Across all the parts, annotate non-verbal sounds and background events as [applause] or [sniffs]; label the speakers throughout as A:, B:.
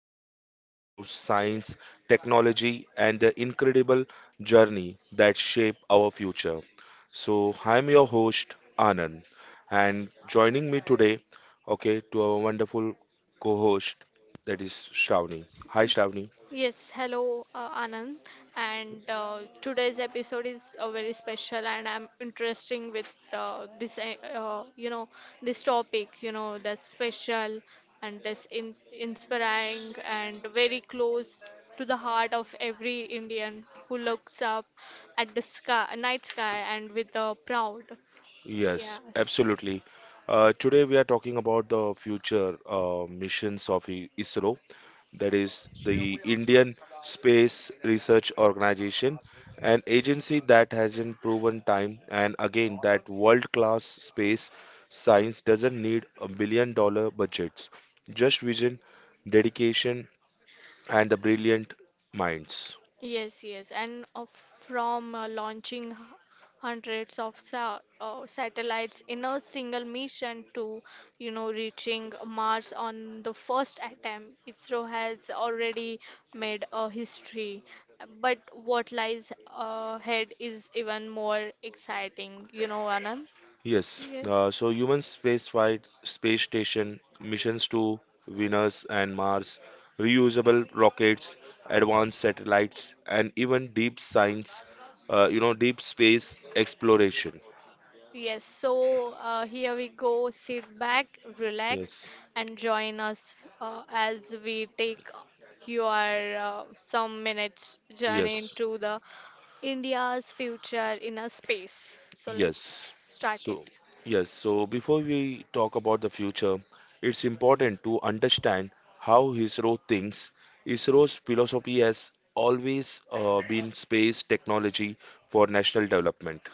A: where we explore science, technology, and the incredible journey that shape our future. So I'm your host Anand, and joining me today, okay, to our wonderful co-host that is Shravani. Hi, Shravani.
B: Yes, hello, Anand, and today's episode is very special, and I'm interesting with this topic, that's special, and that's in inspiring and very close to the heart of every Indian who looks up at the sky, night sky, and with proud.
A: Yes,
B: Yes.
A: absolutely. Today we are talking about the future missions of ISRO, that is the Indian Space Research Organization, an agency that has in proven time and again that world class space science doesn't need $1 billion budgets, just vision, dedication, and the brilliant minds.
B: Yes, yes, and from launching hundreds of sa satellites in a single mission to, reaching Mars on the first attempt, ISRO has already made a history. But what lies ahead is even more exciting, Anand?
A: Yes,
B: Yes.
A: so human space flight, space station, missions to Venus and Mars, reusable rockets, advanced satellites, and even deep science, deep space exploration.
B: Yes, so here we go. Sit back, relax,
A: Yes,
B: and join us as we take your some minutes journey
A: yes,
B: into the India's future in a space. So let's
A: yes.
B: start it.
A: So, yes, so before we talk about the future, it's important to understand how ISRO thinks. ISRO's philosophy has always been space technology for national development.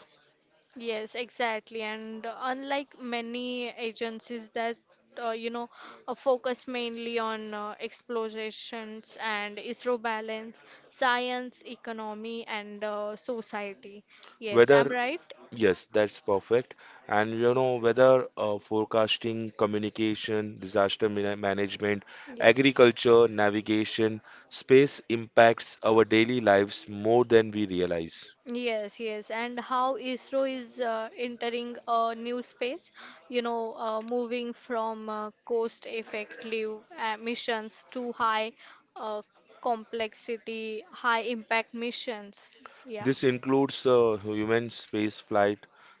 B: Yes, exactly. And unlike many agencies that uh, you know focus mainly on explorations and ISRO balance, science, economy, and society. Yes, I'm
A: Weather,
B: right.
A: yes, that's perfect. And you know, weather forecasting, communication, disaster management,
B: Yes.
A: agriculture, navigation, space impacts our daily lives more than we realize.
B: Yes, yes, and how ISRO is entering a new space, moving from cost-effective missions to high uh, complexity, high-impact missions. Yeah.
A: This includes human space flight,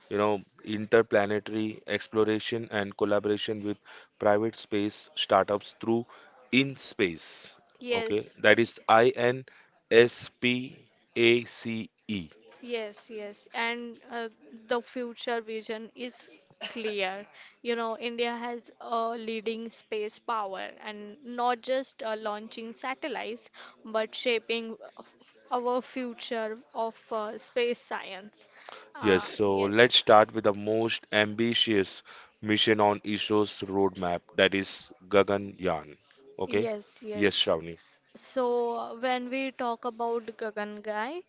A: interplanetary exploration and collaboration with private space startups through In Space. Okay,
B: Yes.
A: that is INSPACE.
B: Yes, yes, and the future vision is clear. You know, India has a leading space power and not just launching satellites, but shaping of our future of space science.
A: Yes, so let's
B: Yes,
A: start with the most ambitious mission on ISRO's roadmap, that is Gaganyaan. Okay?
B: yes,
A: Yes,
B: yes.
A: Shravani.
B: So, when we talk about Gagangai,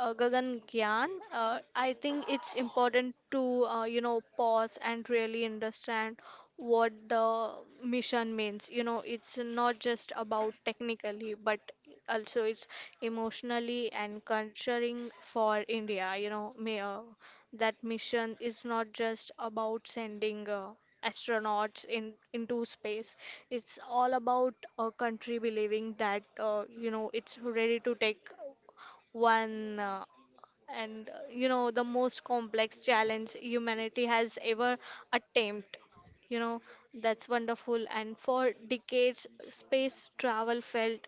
B: uh, Gagan Gyan, I think it's important to pause and really understand what the mission means. You know, it's not just about technically, but also it's emotionally and culturing for India. You know, that mission is not just about sending. Astronauts in into space. It's all about a country believing that, it's ready to take one, and the most complex challenge humanity has ever attempted you know that's wonderful, and for decades space travel felt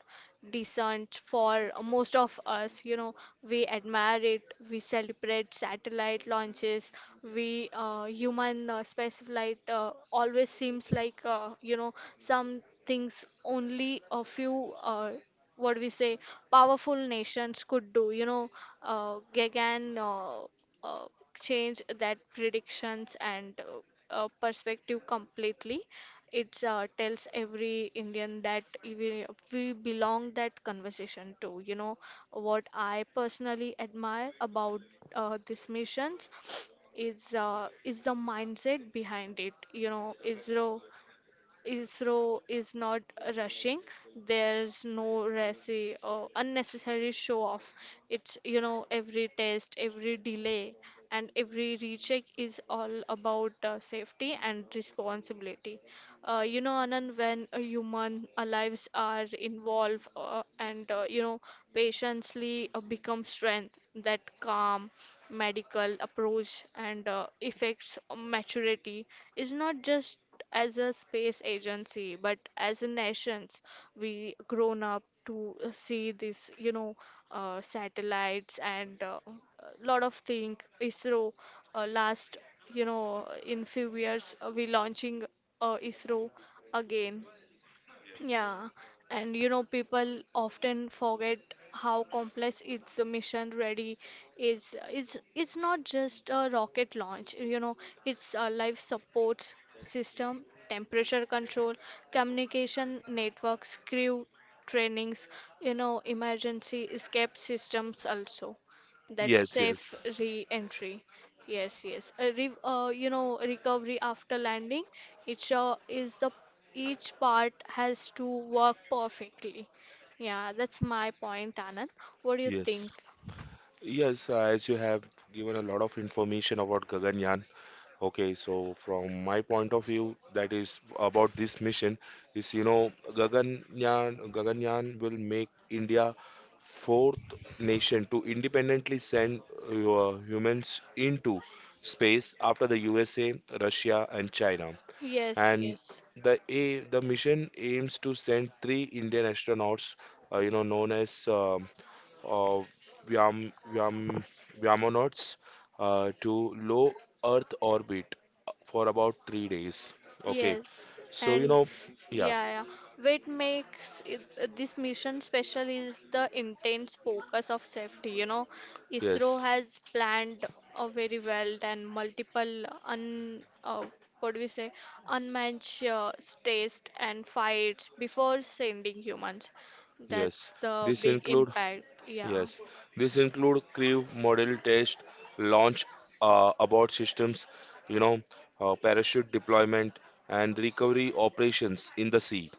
B: decent for most of us. We admire it, we celebrate satellite launches. We human space flight always seems like some things only a few uh, what we say powerful nations could do. Gaghan uh, Change that predictions and perspective completely. It tells every Indian that we belong that conversation to. You know what I personally admire about these missions is the mindset behind it. You know, is the ISRO is not rushing. There's no racy or unnecessary show off. It's, every test, every delay, and every recheck is all about safety and responsibility. Anand, when human lives are involved, and patiently become strength, that calm medical approach and effects maturity is not just as a space agency, but as a nations, we grown up to see this, satellites and a lot of thing. ISRO last, in few years we launching ISRO again. Yeah, and people often forget how complex its mission ready is. It's not just a rocket launch, it's a life support system, temperature control, communication networks, crew trainings, emergency escape systems also. That's
A: Yes,
B: safe
A: yes.
B: re-entry. Yes, yes. A recovery after landing, it show is the each part has to work perfectly. Yeah, that's my point, Anand. What do you think?
A: Yes. Yes, as you have given a lot of information about Gaganyaan, okay, so from my point of view, that is about this mission is Gaganyaan will make India fourth nation to independently send humans into space after the USA, Russia, and China.
B: Yes,
A: And
B: yes.
A: the mission aims to send three Indian astronauts, known as uh, Vyam, Vyam, Vyamonauts to low Earth orbit for about 3 days. Okay,
B: Yes,
A: so
B: and
A: yeah,
B: yeah, yeah. What makes this mission special is the intense focus of safety. You know, ISRO
A: yes,
B: has planned very well and multiple un what do we say unmatched tests and fights before sending humans.
A: yes.
B: That's the
A: This
B: big
A: include
B: impact. Yeah.
A: yes, this include crew model test, launch abort systems, you know, parachute deployment and recovery operations in the sea.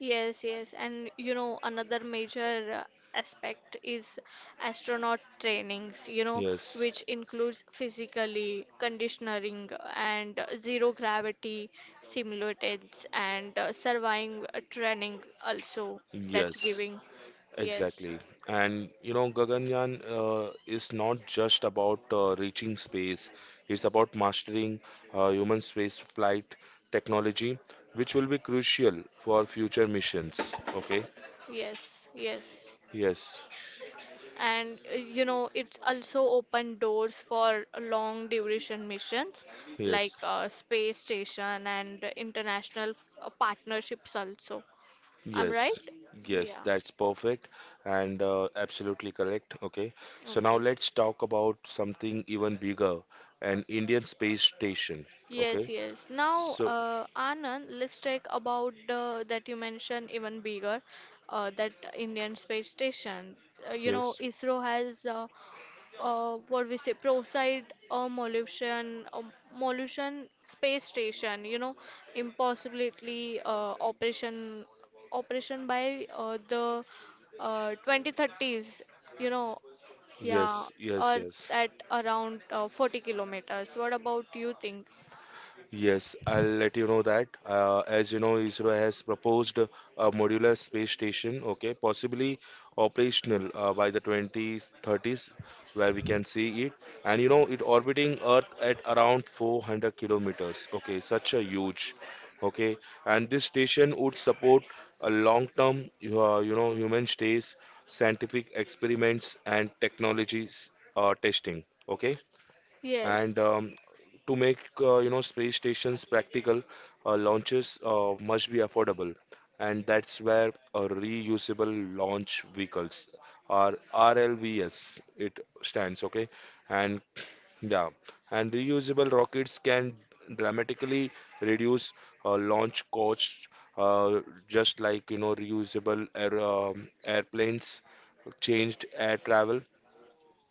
B: Yes, yes, and another major aspect is astronaut trainings,
A: Yes,
B: which includes physically conditioning and zero gravity simulators and surviving training also that's
A: yes,
B: giving. Yes,
A: exactly. And Gaganyaan is not just about reaching space, it's about mastering human space flight technology, which will be crucial for future missions. Okay?
B: yes, yes.
A: Yes,
B: And it's also open doors for long duration missions like
A: yes,
B: space station and international partnerships also. I'm right?
A: yes, yes,
B: Yeah.
A: that's perfect and absolutely correct. Okay? So now
B: Okay.
A: let's talk about something even bigger, an Indian space station.
B: Yes,
A: Okay?
B: yes. Now,
A: So,
B: Anand, let's talk about the that you mentioned even bigger, that Indian space station.
A: yes,
B: ISRO has Proside uh, Molution, uh, Molution space station. You know, impossibility operation by the 2030s. You know, yeah,
A: yes, yes,
B: Earth
A: yes.
B: at around 40 kilometers. What about you think?
A: Yes, I'll let you know that. As you know, ISRO has proposed a modular space station, okay, possibly operational by the 2030s, where we can see it. And you know, it orbiting Earth at around 400 kilometers, okay, such a huge, okay. And this station would support a long-term, human stays, scientific experiments, and technologies testing. Okay, and
B: Yes,
A: to make space stations practical, launches must be affordable, and that's where reusable launch vehicles or RLVS, it stands, okay, and yeah, and reusable rockets can dramatically reduce launch costs, uh, just like reusable air, airplanes changed air travel.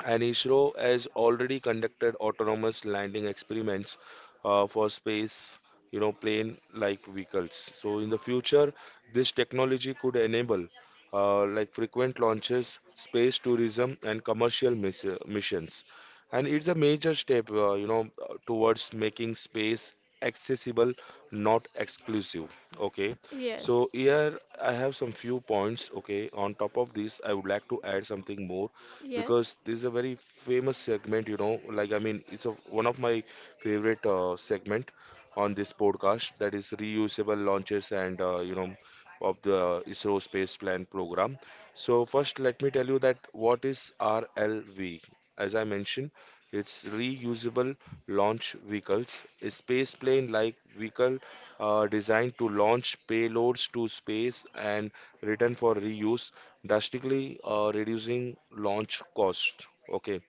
A: And ISRO has already conducted autonomous landing experiments for space, plane like vehicles. So in the future, this technology could enable, like, frequent launches, space tourism, and commercial missions. And it's a major step, towards making space accessible, not exclusive. Okay. So
B: yes,
A: here I have some few points. Okay. On top of this, I would like to add something more
B: yes.
A: because this is a very famous segment. Like, I mean, one of my favorite segment on this podcast, that is reusable launches, and of the ISRO space plan program. So first, let me tell you that what is RLV. As I mentioned, it's reusable launch vehicles, a space plane-like vehicle designed to launch payloads to space and return for reuse, drastically reducing launch cost. Okay,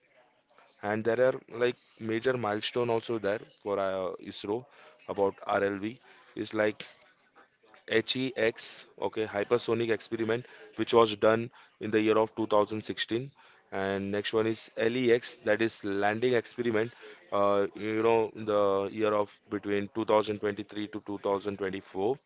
A: and there are like major milestone also there for ISRO about RLV is like HEX, okay, hypersonic experiment, which was done in the year of 2016. And next one is LEX, that is landing experiment, in the year of between 2023 to 2024,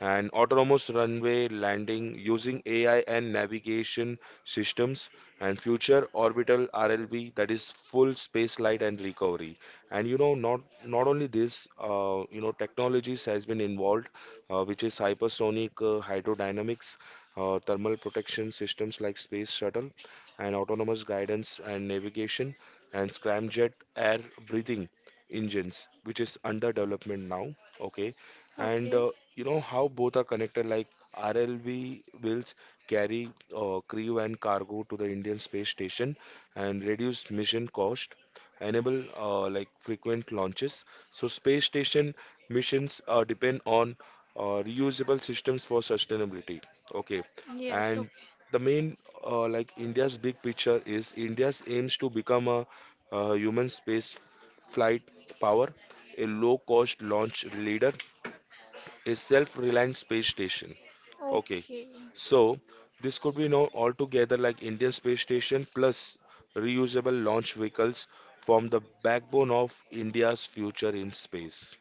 A: and autonomous runway landing using AI and navigation systems, and future orbital RLB, that is full space flight and recovery. And not only this, technologies has been involved, which is hypersonic hydrodynamics, thermal protection systems like space shuttle, and autonomous guidance and navigation, and scramjet air breathing engines, which is under development now. Okay, and
B: Okay.
A: you know how both are connected. Like, RLV will carry crew and cargo to the Indian space station and reduce mission cost, enable, like, frequent launches, so space station missions depend on reusable systems for sustainability. Okay,
B: Yes,
A: and
B: okay.
A: the main like India's big picture is India's aims to become a human space flight power, a low cost launch leader, a self-reliant space station. Okay,
B: Okay.
A: so this could be known altogether, like Indian Space Station plus reusable launch vehicles form the backbone of India's future in space.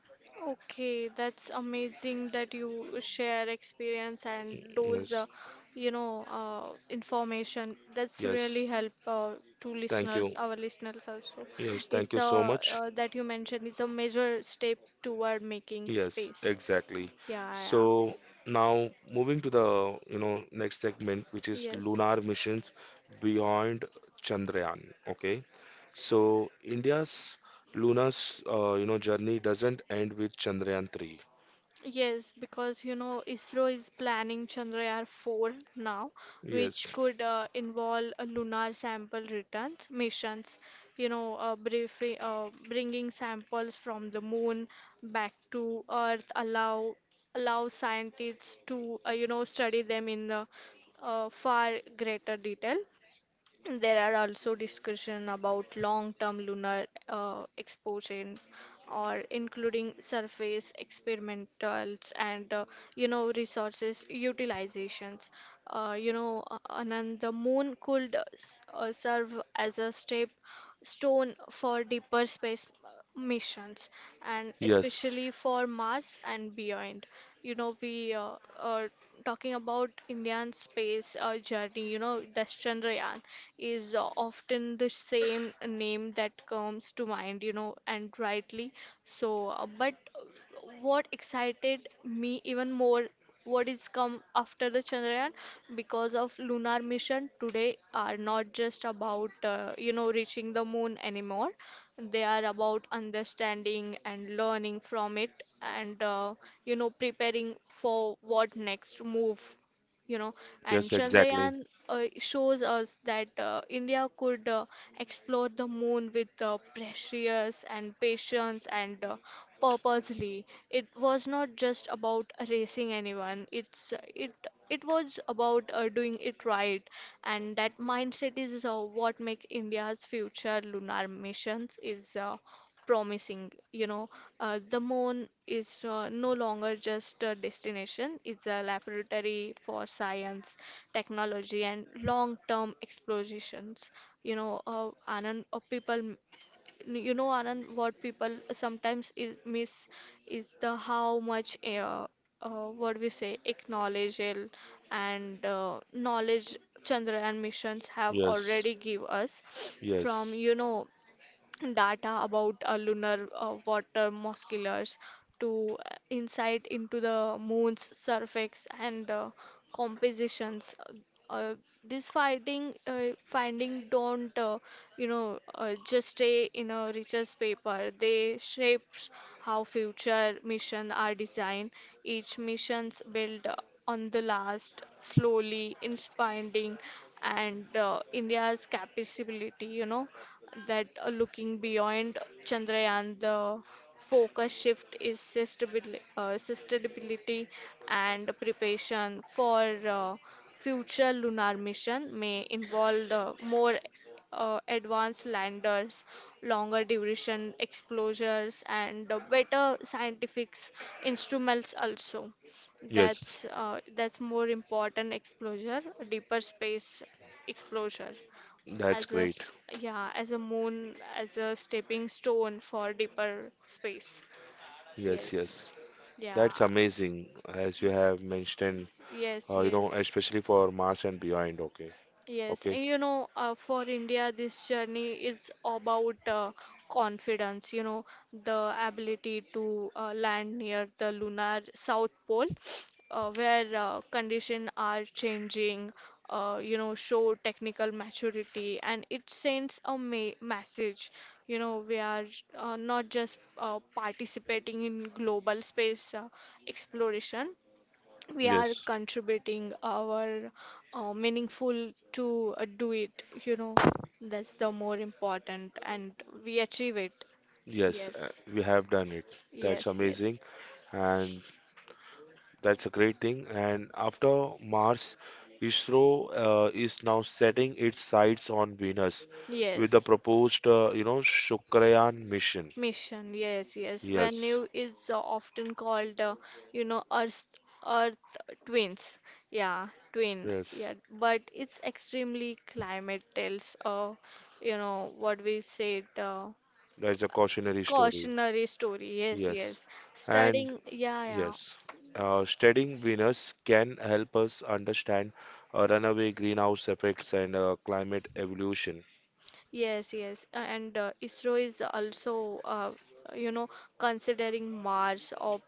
B: Okay, that's amazing that you share experience and those
A: Yes,
B: information. That's
A: yes,
B: really help to
A: thank you.
B: our listeners also.
A: Yes, thank
B: It's
A: you
B: a
A: so much.
B: That you mentioned it's a major step toward making
A: Yes,
B: space.
A: exactly.
B: Yeah, yeah.
A: So now moving to the, next segment, which is
B: Yes.
A: lunar missions beyond Chandrayaan. Okay. So India's lunar, journey doesn't end with Chandrayaan 3.
B: Yes, because ISRO is planning Chandrayaan 4 now, which
A: Yes.
B: could involve a lunar sample returns missions, bringing samples from the moon back to Earth, allow scientists to study them in far greater detail. There are also discussion about long-term lunar exposure or including surface experimentals and resources utilizations. Anand, the moon could serve as a step stone for deeper space missions and
A: Yes.
B: especially for Mars and beyond. You know, we are talking about Indian space journey, the Chandrayaan is often the same name that comes to mind, and rightly so. But what excited me even more what is come after the Chandrayaan because of lunar mission today are not just about reaching the moon anymore. They are about understanding and learning from it and preparing for what next move you know and
A: Yes,
B: chandrayaan
A: exactly.
B: uh, shows us that india could explore the moon with precious and patience and purposely. It was not just about racing anyone, it was about doing it right, and that mindset is what makes india's future lunar missions is promising. The moon is no longer just a destination, it's a laboratory for science, technology, and long term explorations. Anand, people, m- you know, Anand, what people sometimes is miss is the how much. What we say Acknowledgement and knowledge chandrayaan missions have
A: Yes.
B: already give us from
A: Yes.
B: data about lunar water molecules to insight into the moon's surface and compositions. Uh, uh, this finding don't just stay in a research paper. They shapes how future missions are designed. Each missions build on the last, slowly inspiring and India's capability. You know that looking beyond Chandrayaan, the focus shift is sustainability and preparation for uh, future lunar mission may involve more advanced landers, longer duration exposures, and better scientific instruments also.
A: Yes.
B: That's more important exposure, deeper space exposure
A: That's
B: as
A: great.
B: yeah, as a moon, as a stepping stone for deeper space.
A: Yes,
B: Yes,
A: yes.
B: yeah,
A: That's amazing, as you have mentioned,
B: yes, yes.
A: especially for Mars and beyond. Okay.
B: Yes,
A: Okay.
B: and for India, this journey is about confidence, the ability to land near the lunar south pole, [sniffs] where conditions are changing, show technical maturity, and it sends a ma message, we are not just participating in global space exploration, we are
A: Yes.
B: contributing our meaningful to do it. That's the more important, and we achieve it.
A: Yes,
B: Yes,
A: we have done it. That's
B: yes,
A: amazing,
B: yes,
A: and that's a great thing. And after Mars, ISRO is now setting its sights on Venus with the
B: yes.
A: proposed, Chandrayaan mission.
B: Mission, yes, yes.
A: Yes,
B: Venue is often called, you know, Earth, Earth twins. Yeah, twin.
A: yes,
B: Yeah, but it's extremely climate tells, what we said.
A: that's a cautionary story.
B: Cautionary story, yes,
A: Yes,
B: yes.
A: and
B: Studying, yeah, yeah,
A: yes, studying Venus can help us understand runaway greenhouse effects and climate evolution.
B: yes, yes. And ISRO is also, uh, you know, considering Mars or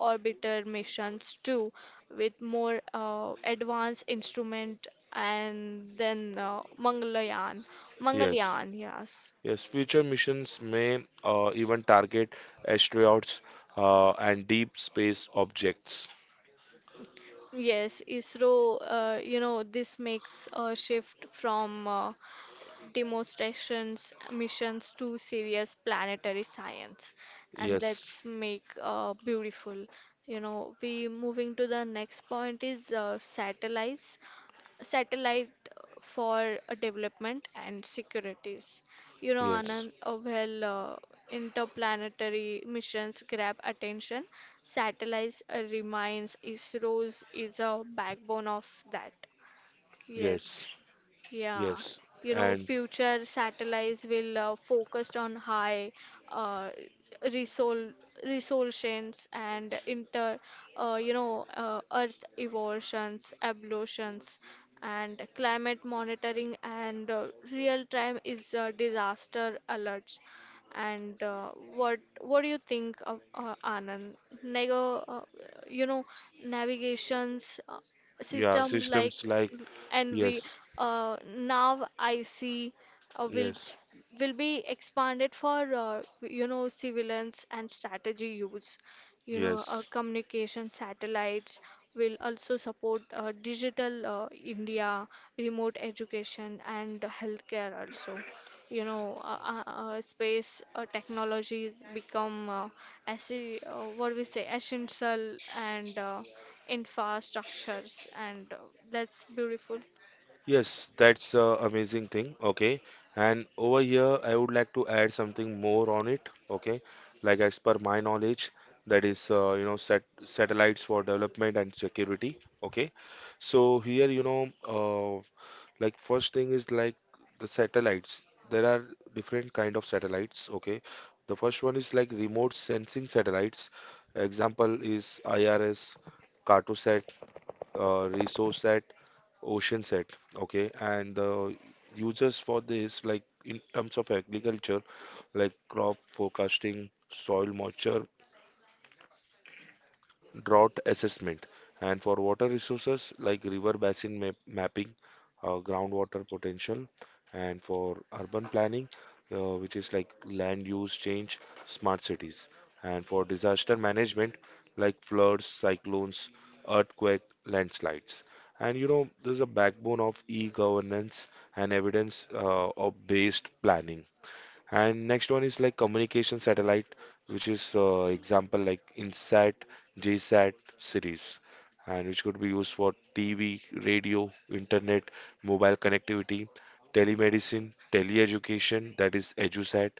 B: orbiter missions too, with more advanced instrument, and then
A: Yes,
B: Mangalyaan, yes.
A: yes, future missions may even target asteroids and deep space objects.
B: Yes, ISRO, this makes a shift from demonstrations, missions to serious planetary science, and
A: Yes,
B: that's make beautiful. You know, we moving to the next point is satellite for development and securities. You know,
A: yes,
B: Anand, well, interplanetary missions grab attention. Satellites remains ISRO's is a backbone of that. Yes.
A: yes,
B: Yeah,
A: yes.
B: you know,
A: And
B: future satellites will focused on high uh, resol resolutions and Earth evolutions, ablutions, and climate monitoring and real-time is disaster alerts. And what do you think of Anand? Nego, you know, navigations
A: yeah,
B: systems like
A: systems like,
B: and we
A: yes,
B: now I see uh, will
A: yes,
B: will be expanded for surveillance and strategy use.
A: yes.
B: Communication satellites will also support digital India, remote education, and healthcare also. You know, uh, Space technologies become as what we say essential and infrastructures, and that's beautiful.
A: Yes, that's a amazing thing. Okay. And over here, I would like to add something more on it. Okay. Like, as per my knowledge, that is, satellites for development and security. Okay. So here, uh, like first thing is like the satellites, there are different kind of satellites. Okay, the first one is like remote sensing satellites. Example is IRS, Cartosat, Resourcesat, Oceansat. Okay, and the uses for this, like in terms of agriculture, like crop forecasting, soil moisture, drought assessment, and for water resources like river basin mapping, groundwater potential, and for urban planning, which is like land use change, smart cities, and for disaster management like floods, cyclones, earthquake, landslides. And you know, this is a backbone of e-governance and evidence of based planning. And next one is like communication satellite, which is example like InSat, JSat series, and which could be used for TV, radio, internet, mobile connectivity, telemedicine, teleeducation, that is EduSat,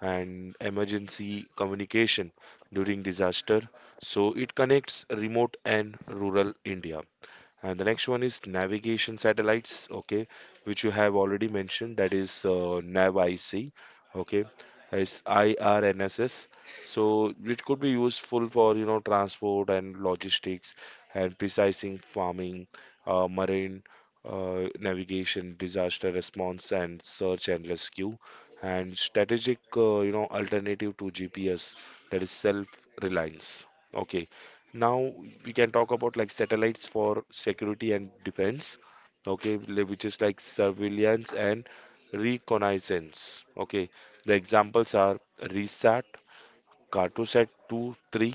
A: and emergency communication during disaster. So it connects remote and rural India. And the next one is navigation satellites, okay, which you have already mentioned, that is NavIC, okay, it's IRNSS. So it could be useful for, transport and logistics and precising farming, marine navigation, disaster response and search and rescue, and strategic, alternative to GPS, that is self-reliance. Okay, now we can talk about like satellites for security and defense, okay, which is like surveillance and reconnaissance. Okay, the examples are RESAT, Cartosat two, 3,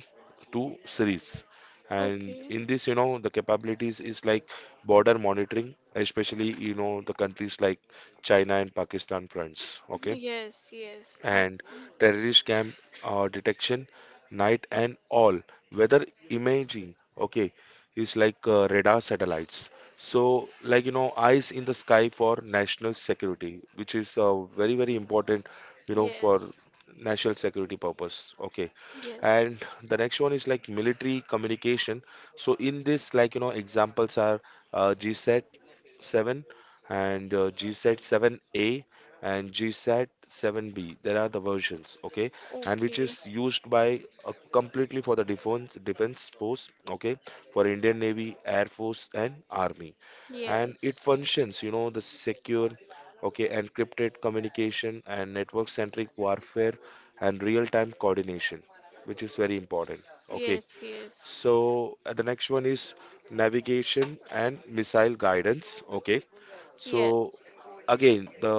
A: 2 series. And
B: Okay.
A: in this, the capabilities is like border monitoring, especially, the countries like China and Pakistan fronts. Okay,
B: Yes, yes.
A: and terrorist camp detection, night and all weather imaging. Okay, is like radar satellites, so like eyes in the sky for national security, which is very very important for
B: Yes,
A: national security purpose. Okay,
B: yes.
A: and the next one is like military communication, so in this like examples are GSAT 7 and GSAT 7A and GSAT 7B. There are the versions, okay, and which
B: Okay.
A: is used by completely for the defense force, okay, for Indian Navy, Air Force, and Army, and it
B: Yes,
A: functions, the secure, okay, encrypted communication and network-centric warfare and real-time coordination, which is very important. Okay,
B: yes, yes,
A: so the next one is navigation and missile guidance. Okay, so
B: yes,
A: again the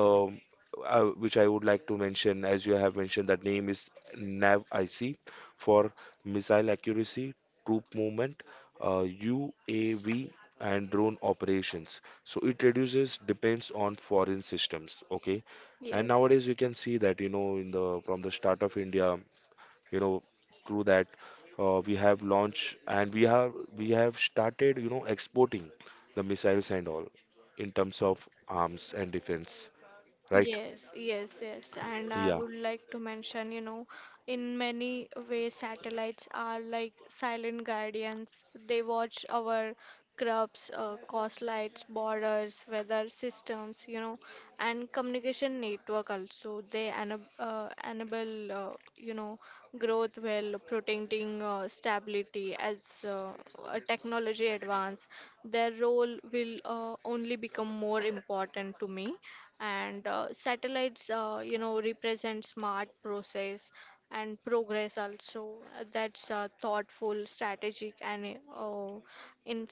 A: which I would like to mention, as you have mentioned, that name is NavIC for missile accuracy, troop movement, UAV and drone operations, so it reduces depends on foreign systems. Okay, and
B: yes.
A: nowadays we can see that in the from the start of India, you know through that, we have launched and we have started exporting the missiles and all in terms of arms and defense, right.
B: Yes, yes, yes. And I would like to mention, in many ways, satellites are like silent guardians. They watch our crops, coastlines, borders, weather systems, and communication network also. They enable, growth while protecting stability as uh, technology advance. Their role will only become more important to me, and satellites represent smart process and progress also. That's Thoughtful strategic and uh, in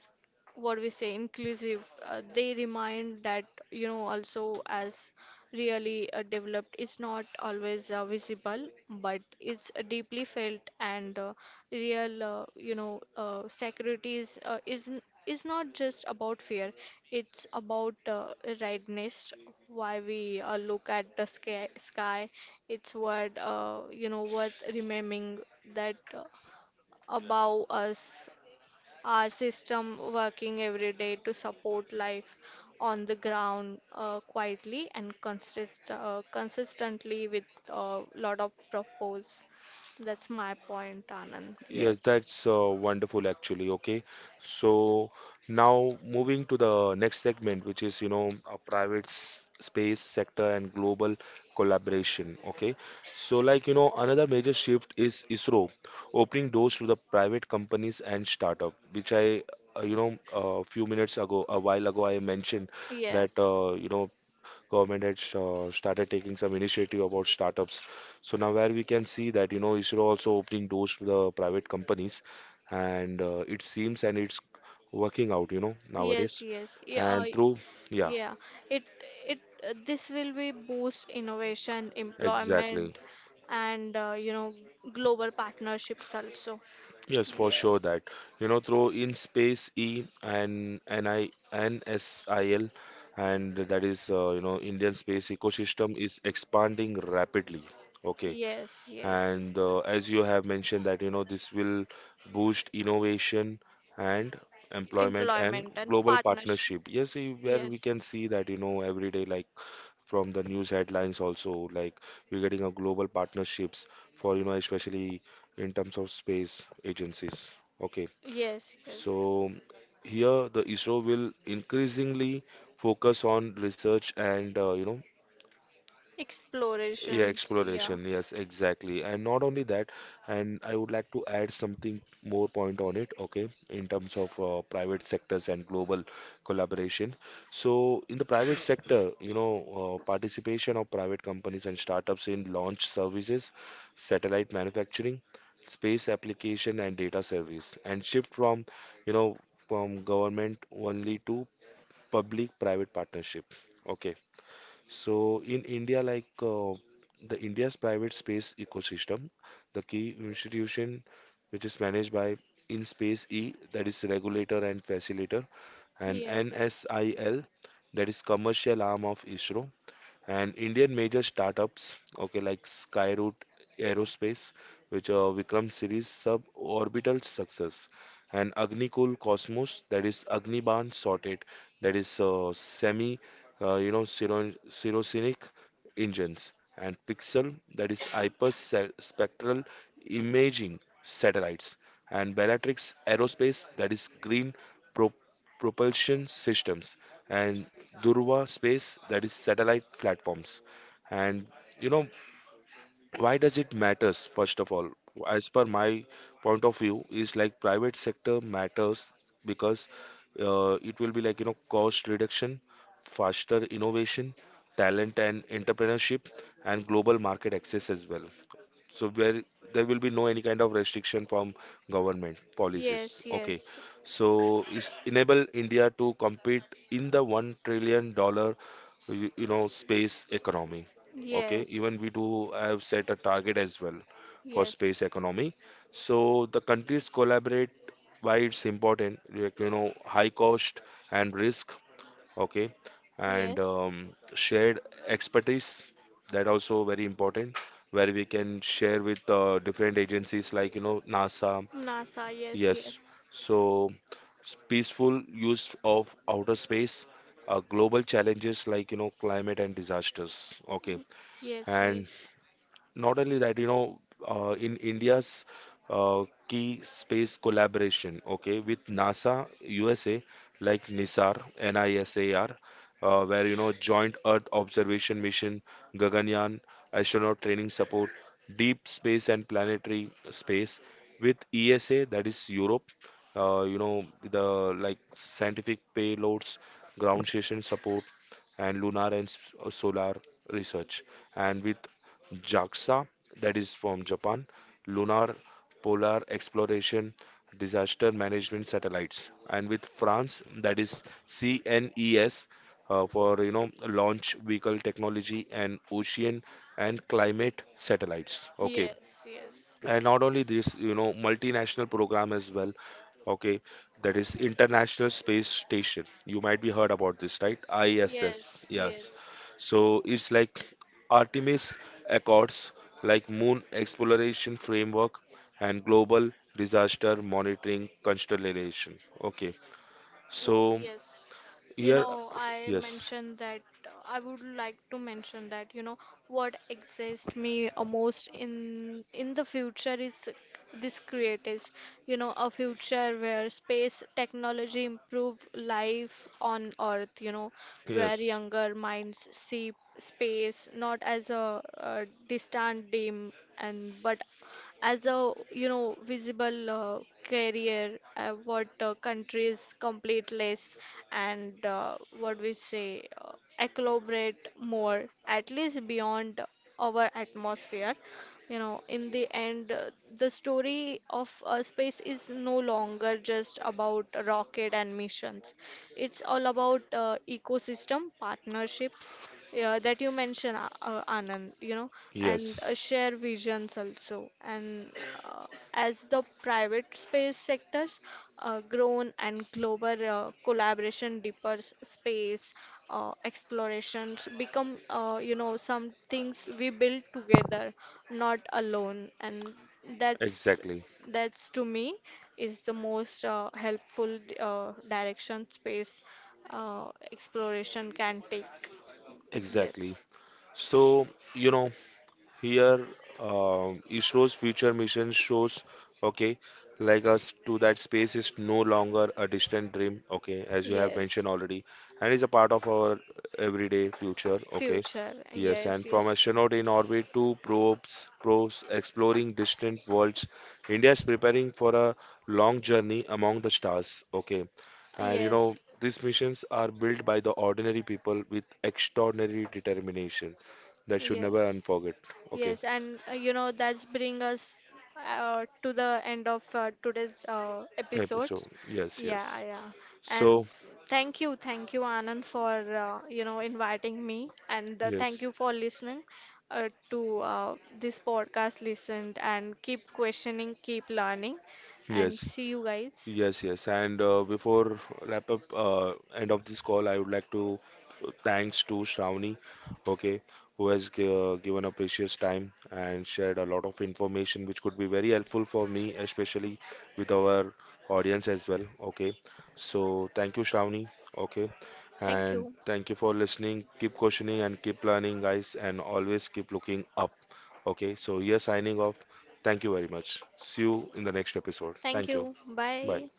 B: what we say inclusive, they remind that also, as really developed is not always visible, but it's deeply felt and real, security is not just about fear, it's about rightness, why we look at the sky. It's what, worth remembering that above us our system working every day to support life on the ground quietly and consistently with a lot of purpose. That's my point, Anand.
A: Yes,
B: Yes.
A: that's wonderful actually. Okay. So now moving to the next segment, which is, a space sector and global collaboration. Okay. Another major shift is ISRO opening doors to the private companies and startup, which a few minutes ago, a while ago, I mentioned that,
B: Yes.
A: government had started taking some initiative about startups. So now where we can see that, ISRO also opening doors to the private companies and it seems and it's working out, you know,
B: Yes.
A: nowadays.
B: Yes. Yeah.
A: And through, yeah,
B: Yeah. It. It. This will be boost innovation,
A: exactly.
B: employment, and global partnerships also.
A: Yes, for sure
B: Yes.
A: that, through in space E and NI, NSIL, and that is, Indian space ecosystem is expanding rapidly. Okay.
B: Yes. Yes.
A: And as you have mentioned that this will boost innovation and employment and
B: Employment and
A: global
B: partnership.
A: partnership. Yes, we- where we
B: Yes,
A: can see that every day, like from the news headlines also, like we're getting a global partnerships for, especially in terms of space agencies. Okay.
B: yes,
A: So
B: yes.
A: here the ISRO will increasingly focus on research and, yeah,
B: Explorations. Yeah,
A: exploration. Yes, exactly. And not only that, and I would like to add something more point on it. Okay, in terms of private sectors and global collaboration. So in the private sector, participation of private companies and startups in launch services, satellite manufacturing, space application, and data service, and shift from, you know, from government only to public-private partnership. Okay. So in India, the India's private space ecosystem, the key institution which is managed by InSpace E, that is regulator and facilitator, and
B: yes,
A: NSIL, that is commercial arm of ISRO, and Indian major startups, okay, like Skyroot Aerospace, which Vikram series suborbital success, and Agnikul Cosmos, that is Agniban Sorted, that is semi, you know, syro- serosonic engines, and Pixel, that is spectral imaging satellites, and Bellatrix Aerospace, that is green pro- propulsion systems, and Durva space, that is satellite platforms. And you know, why does it matters? First of all, as per my point of view, is like private sector matters because it will be like, cost reduction, faster innovation, talent and entrepreneurship, and global market access as well. So where there will be no any kind of restriction from government policies.
B: yes,
A: Okay.
B: yes,
A: So is enable India to compete in the $1 trillion, space economy. Okay.
B: yes,
A: Even we do have set a target as well for
B: yes,
A: space economy. So the countries collaborate, why it's important, like, high cost and risk. Okay. And
B: yes.
A: shared expertise, that also very important, where we can share with different agencies like, NASA.
B: NASA. Yes,
A: Yes.
B: yes,
A: So s- peaceful use of outer space, global challenges like, climate and disasters. Okay.
B: yes,
A: And
B: yes,
A: not only that, in India's key space collaboration, okay, with NASA USA, like NISAR, NISAR, where, Joint Earth Observation Mission, Gaganyaan, astronaut training support, deep space and planetary space, with ESA, that is Europe, you know, the like scientific payloads, ground station support, and lunar and solar research, and with JAXA, that is from Japan, Lunar Polar Exploration, Disaster Management Satellites, and with France, that is CNES, for launch vehicle technology and ocean and climate satellites. Okay.
B: yes, yes,
A: And not only this, multinational program as well. Okay, that is international space station, you might be heard about this, right? ISS,
B: yes, yes,
A: yes.
B: yes.
A: So it's like Artemis Accords, like moon exploration framework, and global disaster monitoring constellation. Okay. So
B: Yes, you
A: here,
B: know,
A: yes,
B: I would like to mention that, you know, what exists me most in the future is this creatist, you know, a future where space technology improve life on Earth, you know, where
A: yes,
B: younger minds see space not as a, distant dim and but as a visible career what countries complete less and what we say collaborate more at least beyond our atmosphere. You know, in the end, the story of space is no longer just about rocket and missions. It's all about ecosystem partnerships that you mentioned, Anand, and
A: yes,
B: share visions also. And uh, as the private space sectors grown and global collaboration deepers space explorations become some things we build together, not alone, and that's
A: exactly,
B: that's to me is the most helpful direction space exploration can take.
A: exactly.
B: Yes,
A: So you know Here, ISRO's future mission shows, okay, like us to that space is no longer a distant dream, okay, as you have
B: yes,
A: mentioned already, and is a part of our everyday future. Okay.
B: future,
A: Yes,
B: yes,
A: and
B: yes.
A: from astronaut in orbit to probes exploring distant worlds, India is preparing for a long journey among the stars. Okay. And
B: Yes,
A: these missions are built by the ordinary people with extraordinary determination that should never
B: yes,
A: unforget. Okay,
B: yes, and that's bring us to the end of today's
A: episode.
B: episodes.
A: Yes,
B: Yeah,
A: yes.
B: yeah, and
A: So,
B: thank you, Anand, for inviting me, and thank
A: yes,
B: you for listening to this podcast. Listened and keep questioning, keep learning, and
A: yes.
B: see you guys.
A: Yes, yes. And before wrap up end of this call, I would like to thanks to Shravani, okay, who has g given a precious time and shared a lot of information which could be very helpful for me, especially with our audience as well. Okay, so thank you, Shravani. Okay,
B: Thank
A: and
B: you.
A: thank you for listening. Keep questioning and keep learning, guys, and always keep looking up. Okay, so here signing off. Thank you very much. See you in the next episode.
B: Thank
A: Thank you.
B: you.
A: Bye.
B: Bye.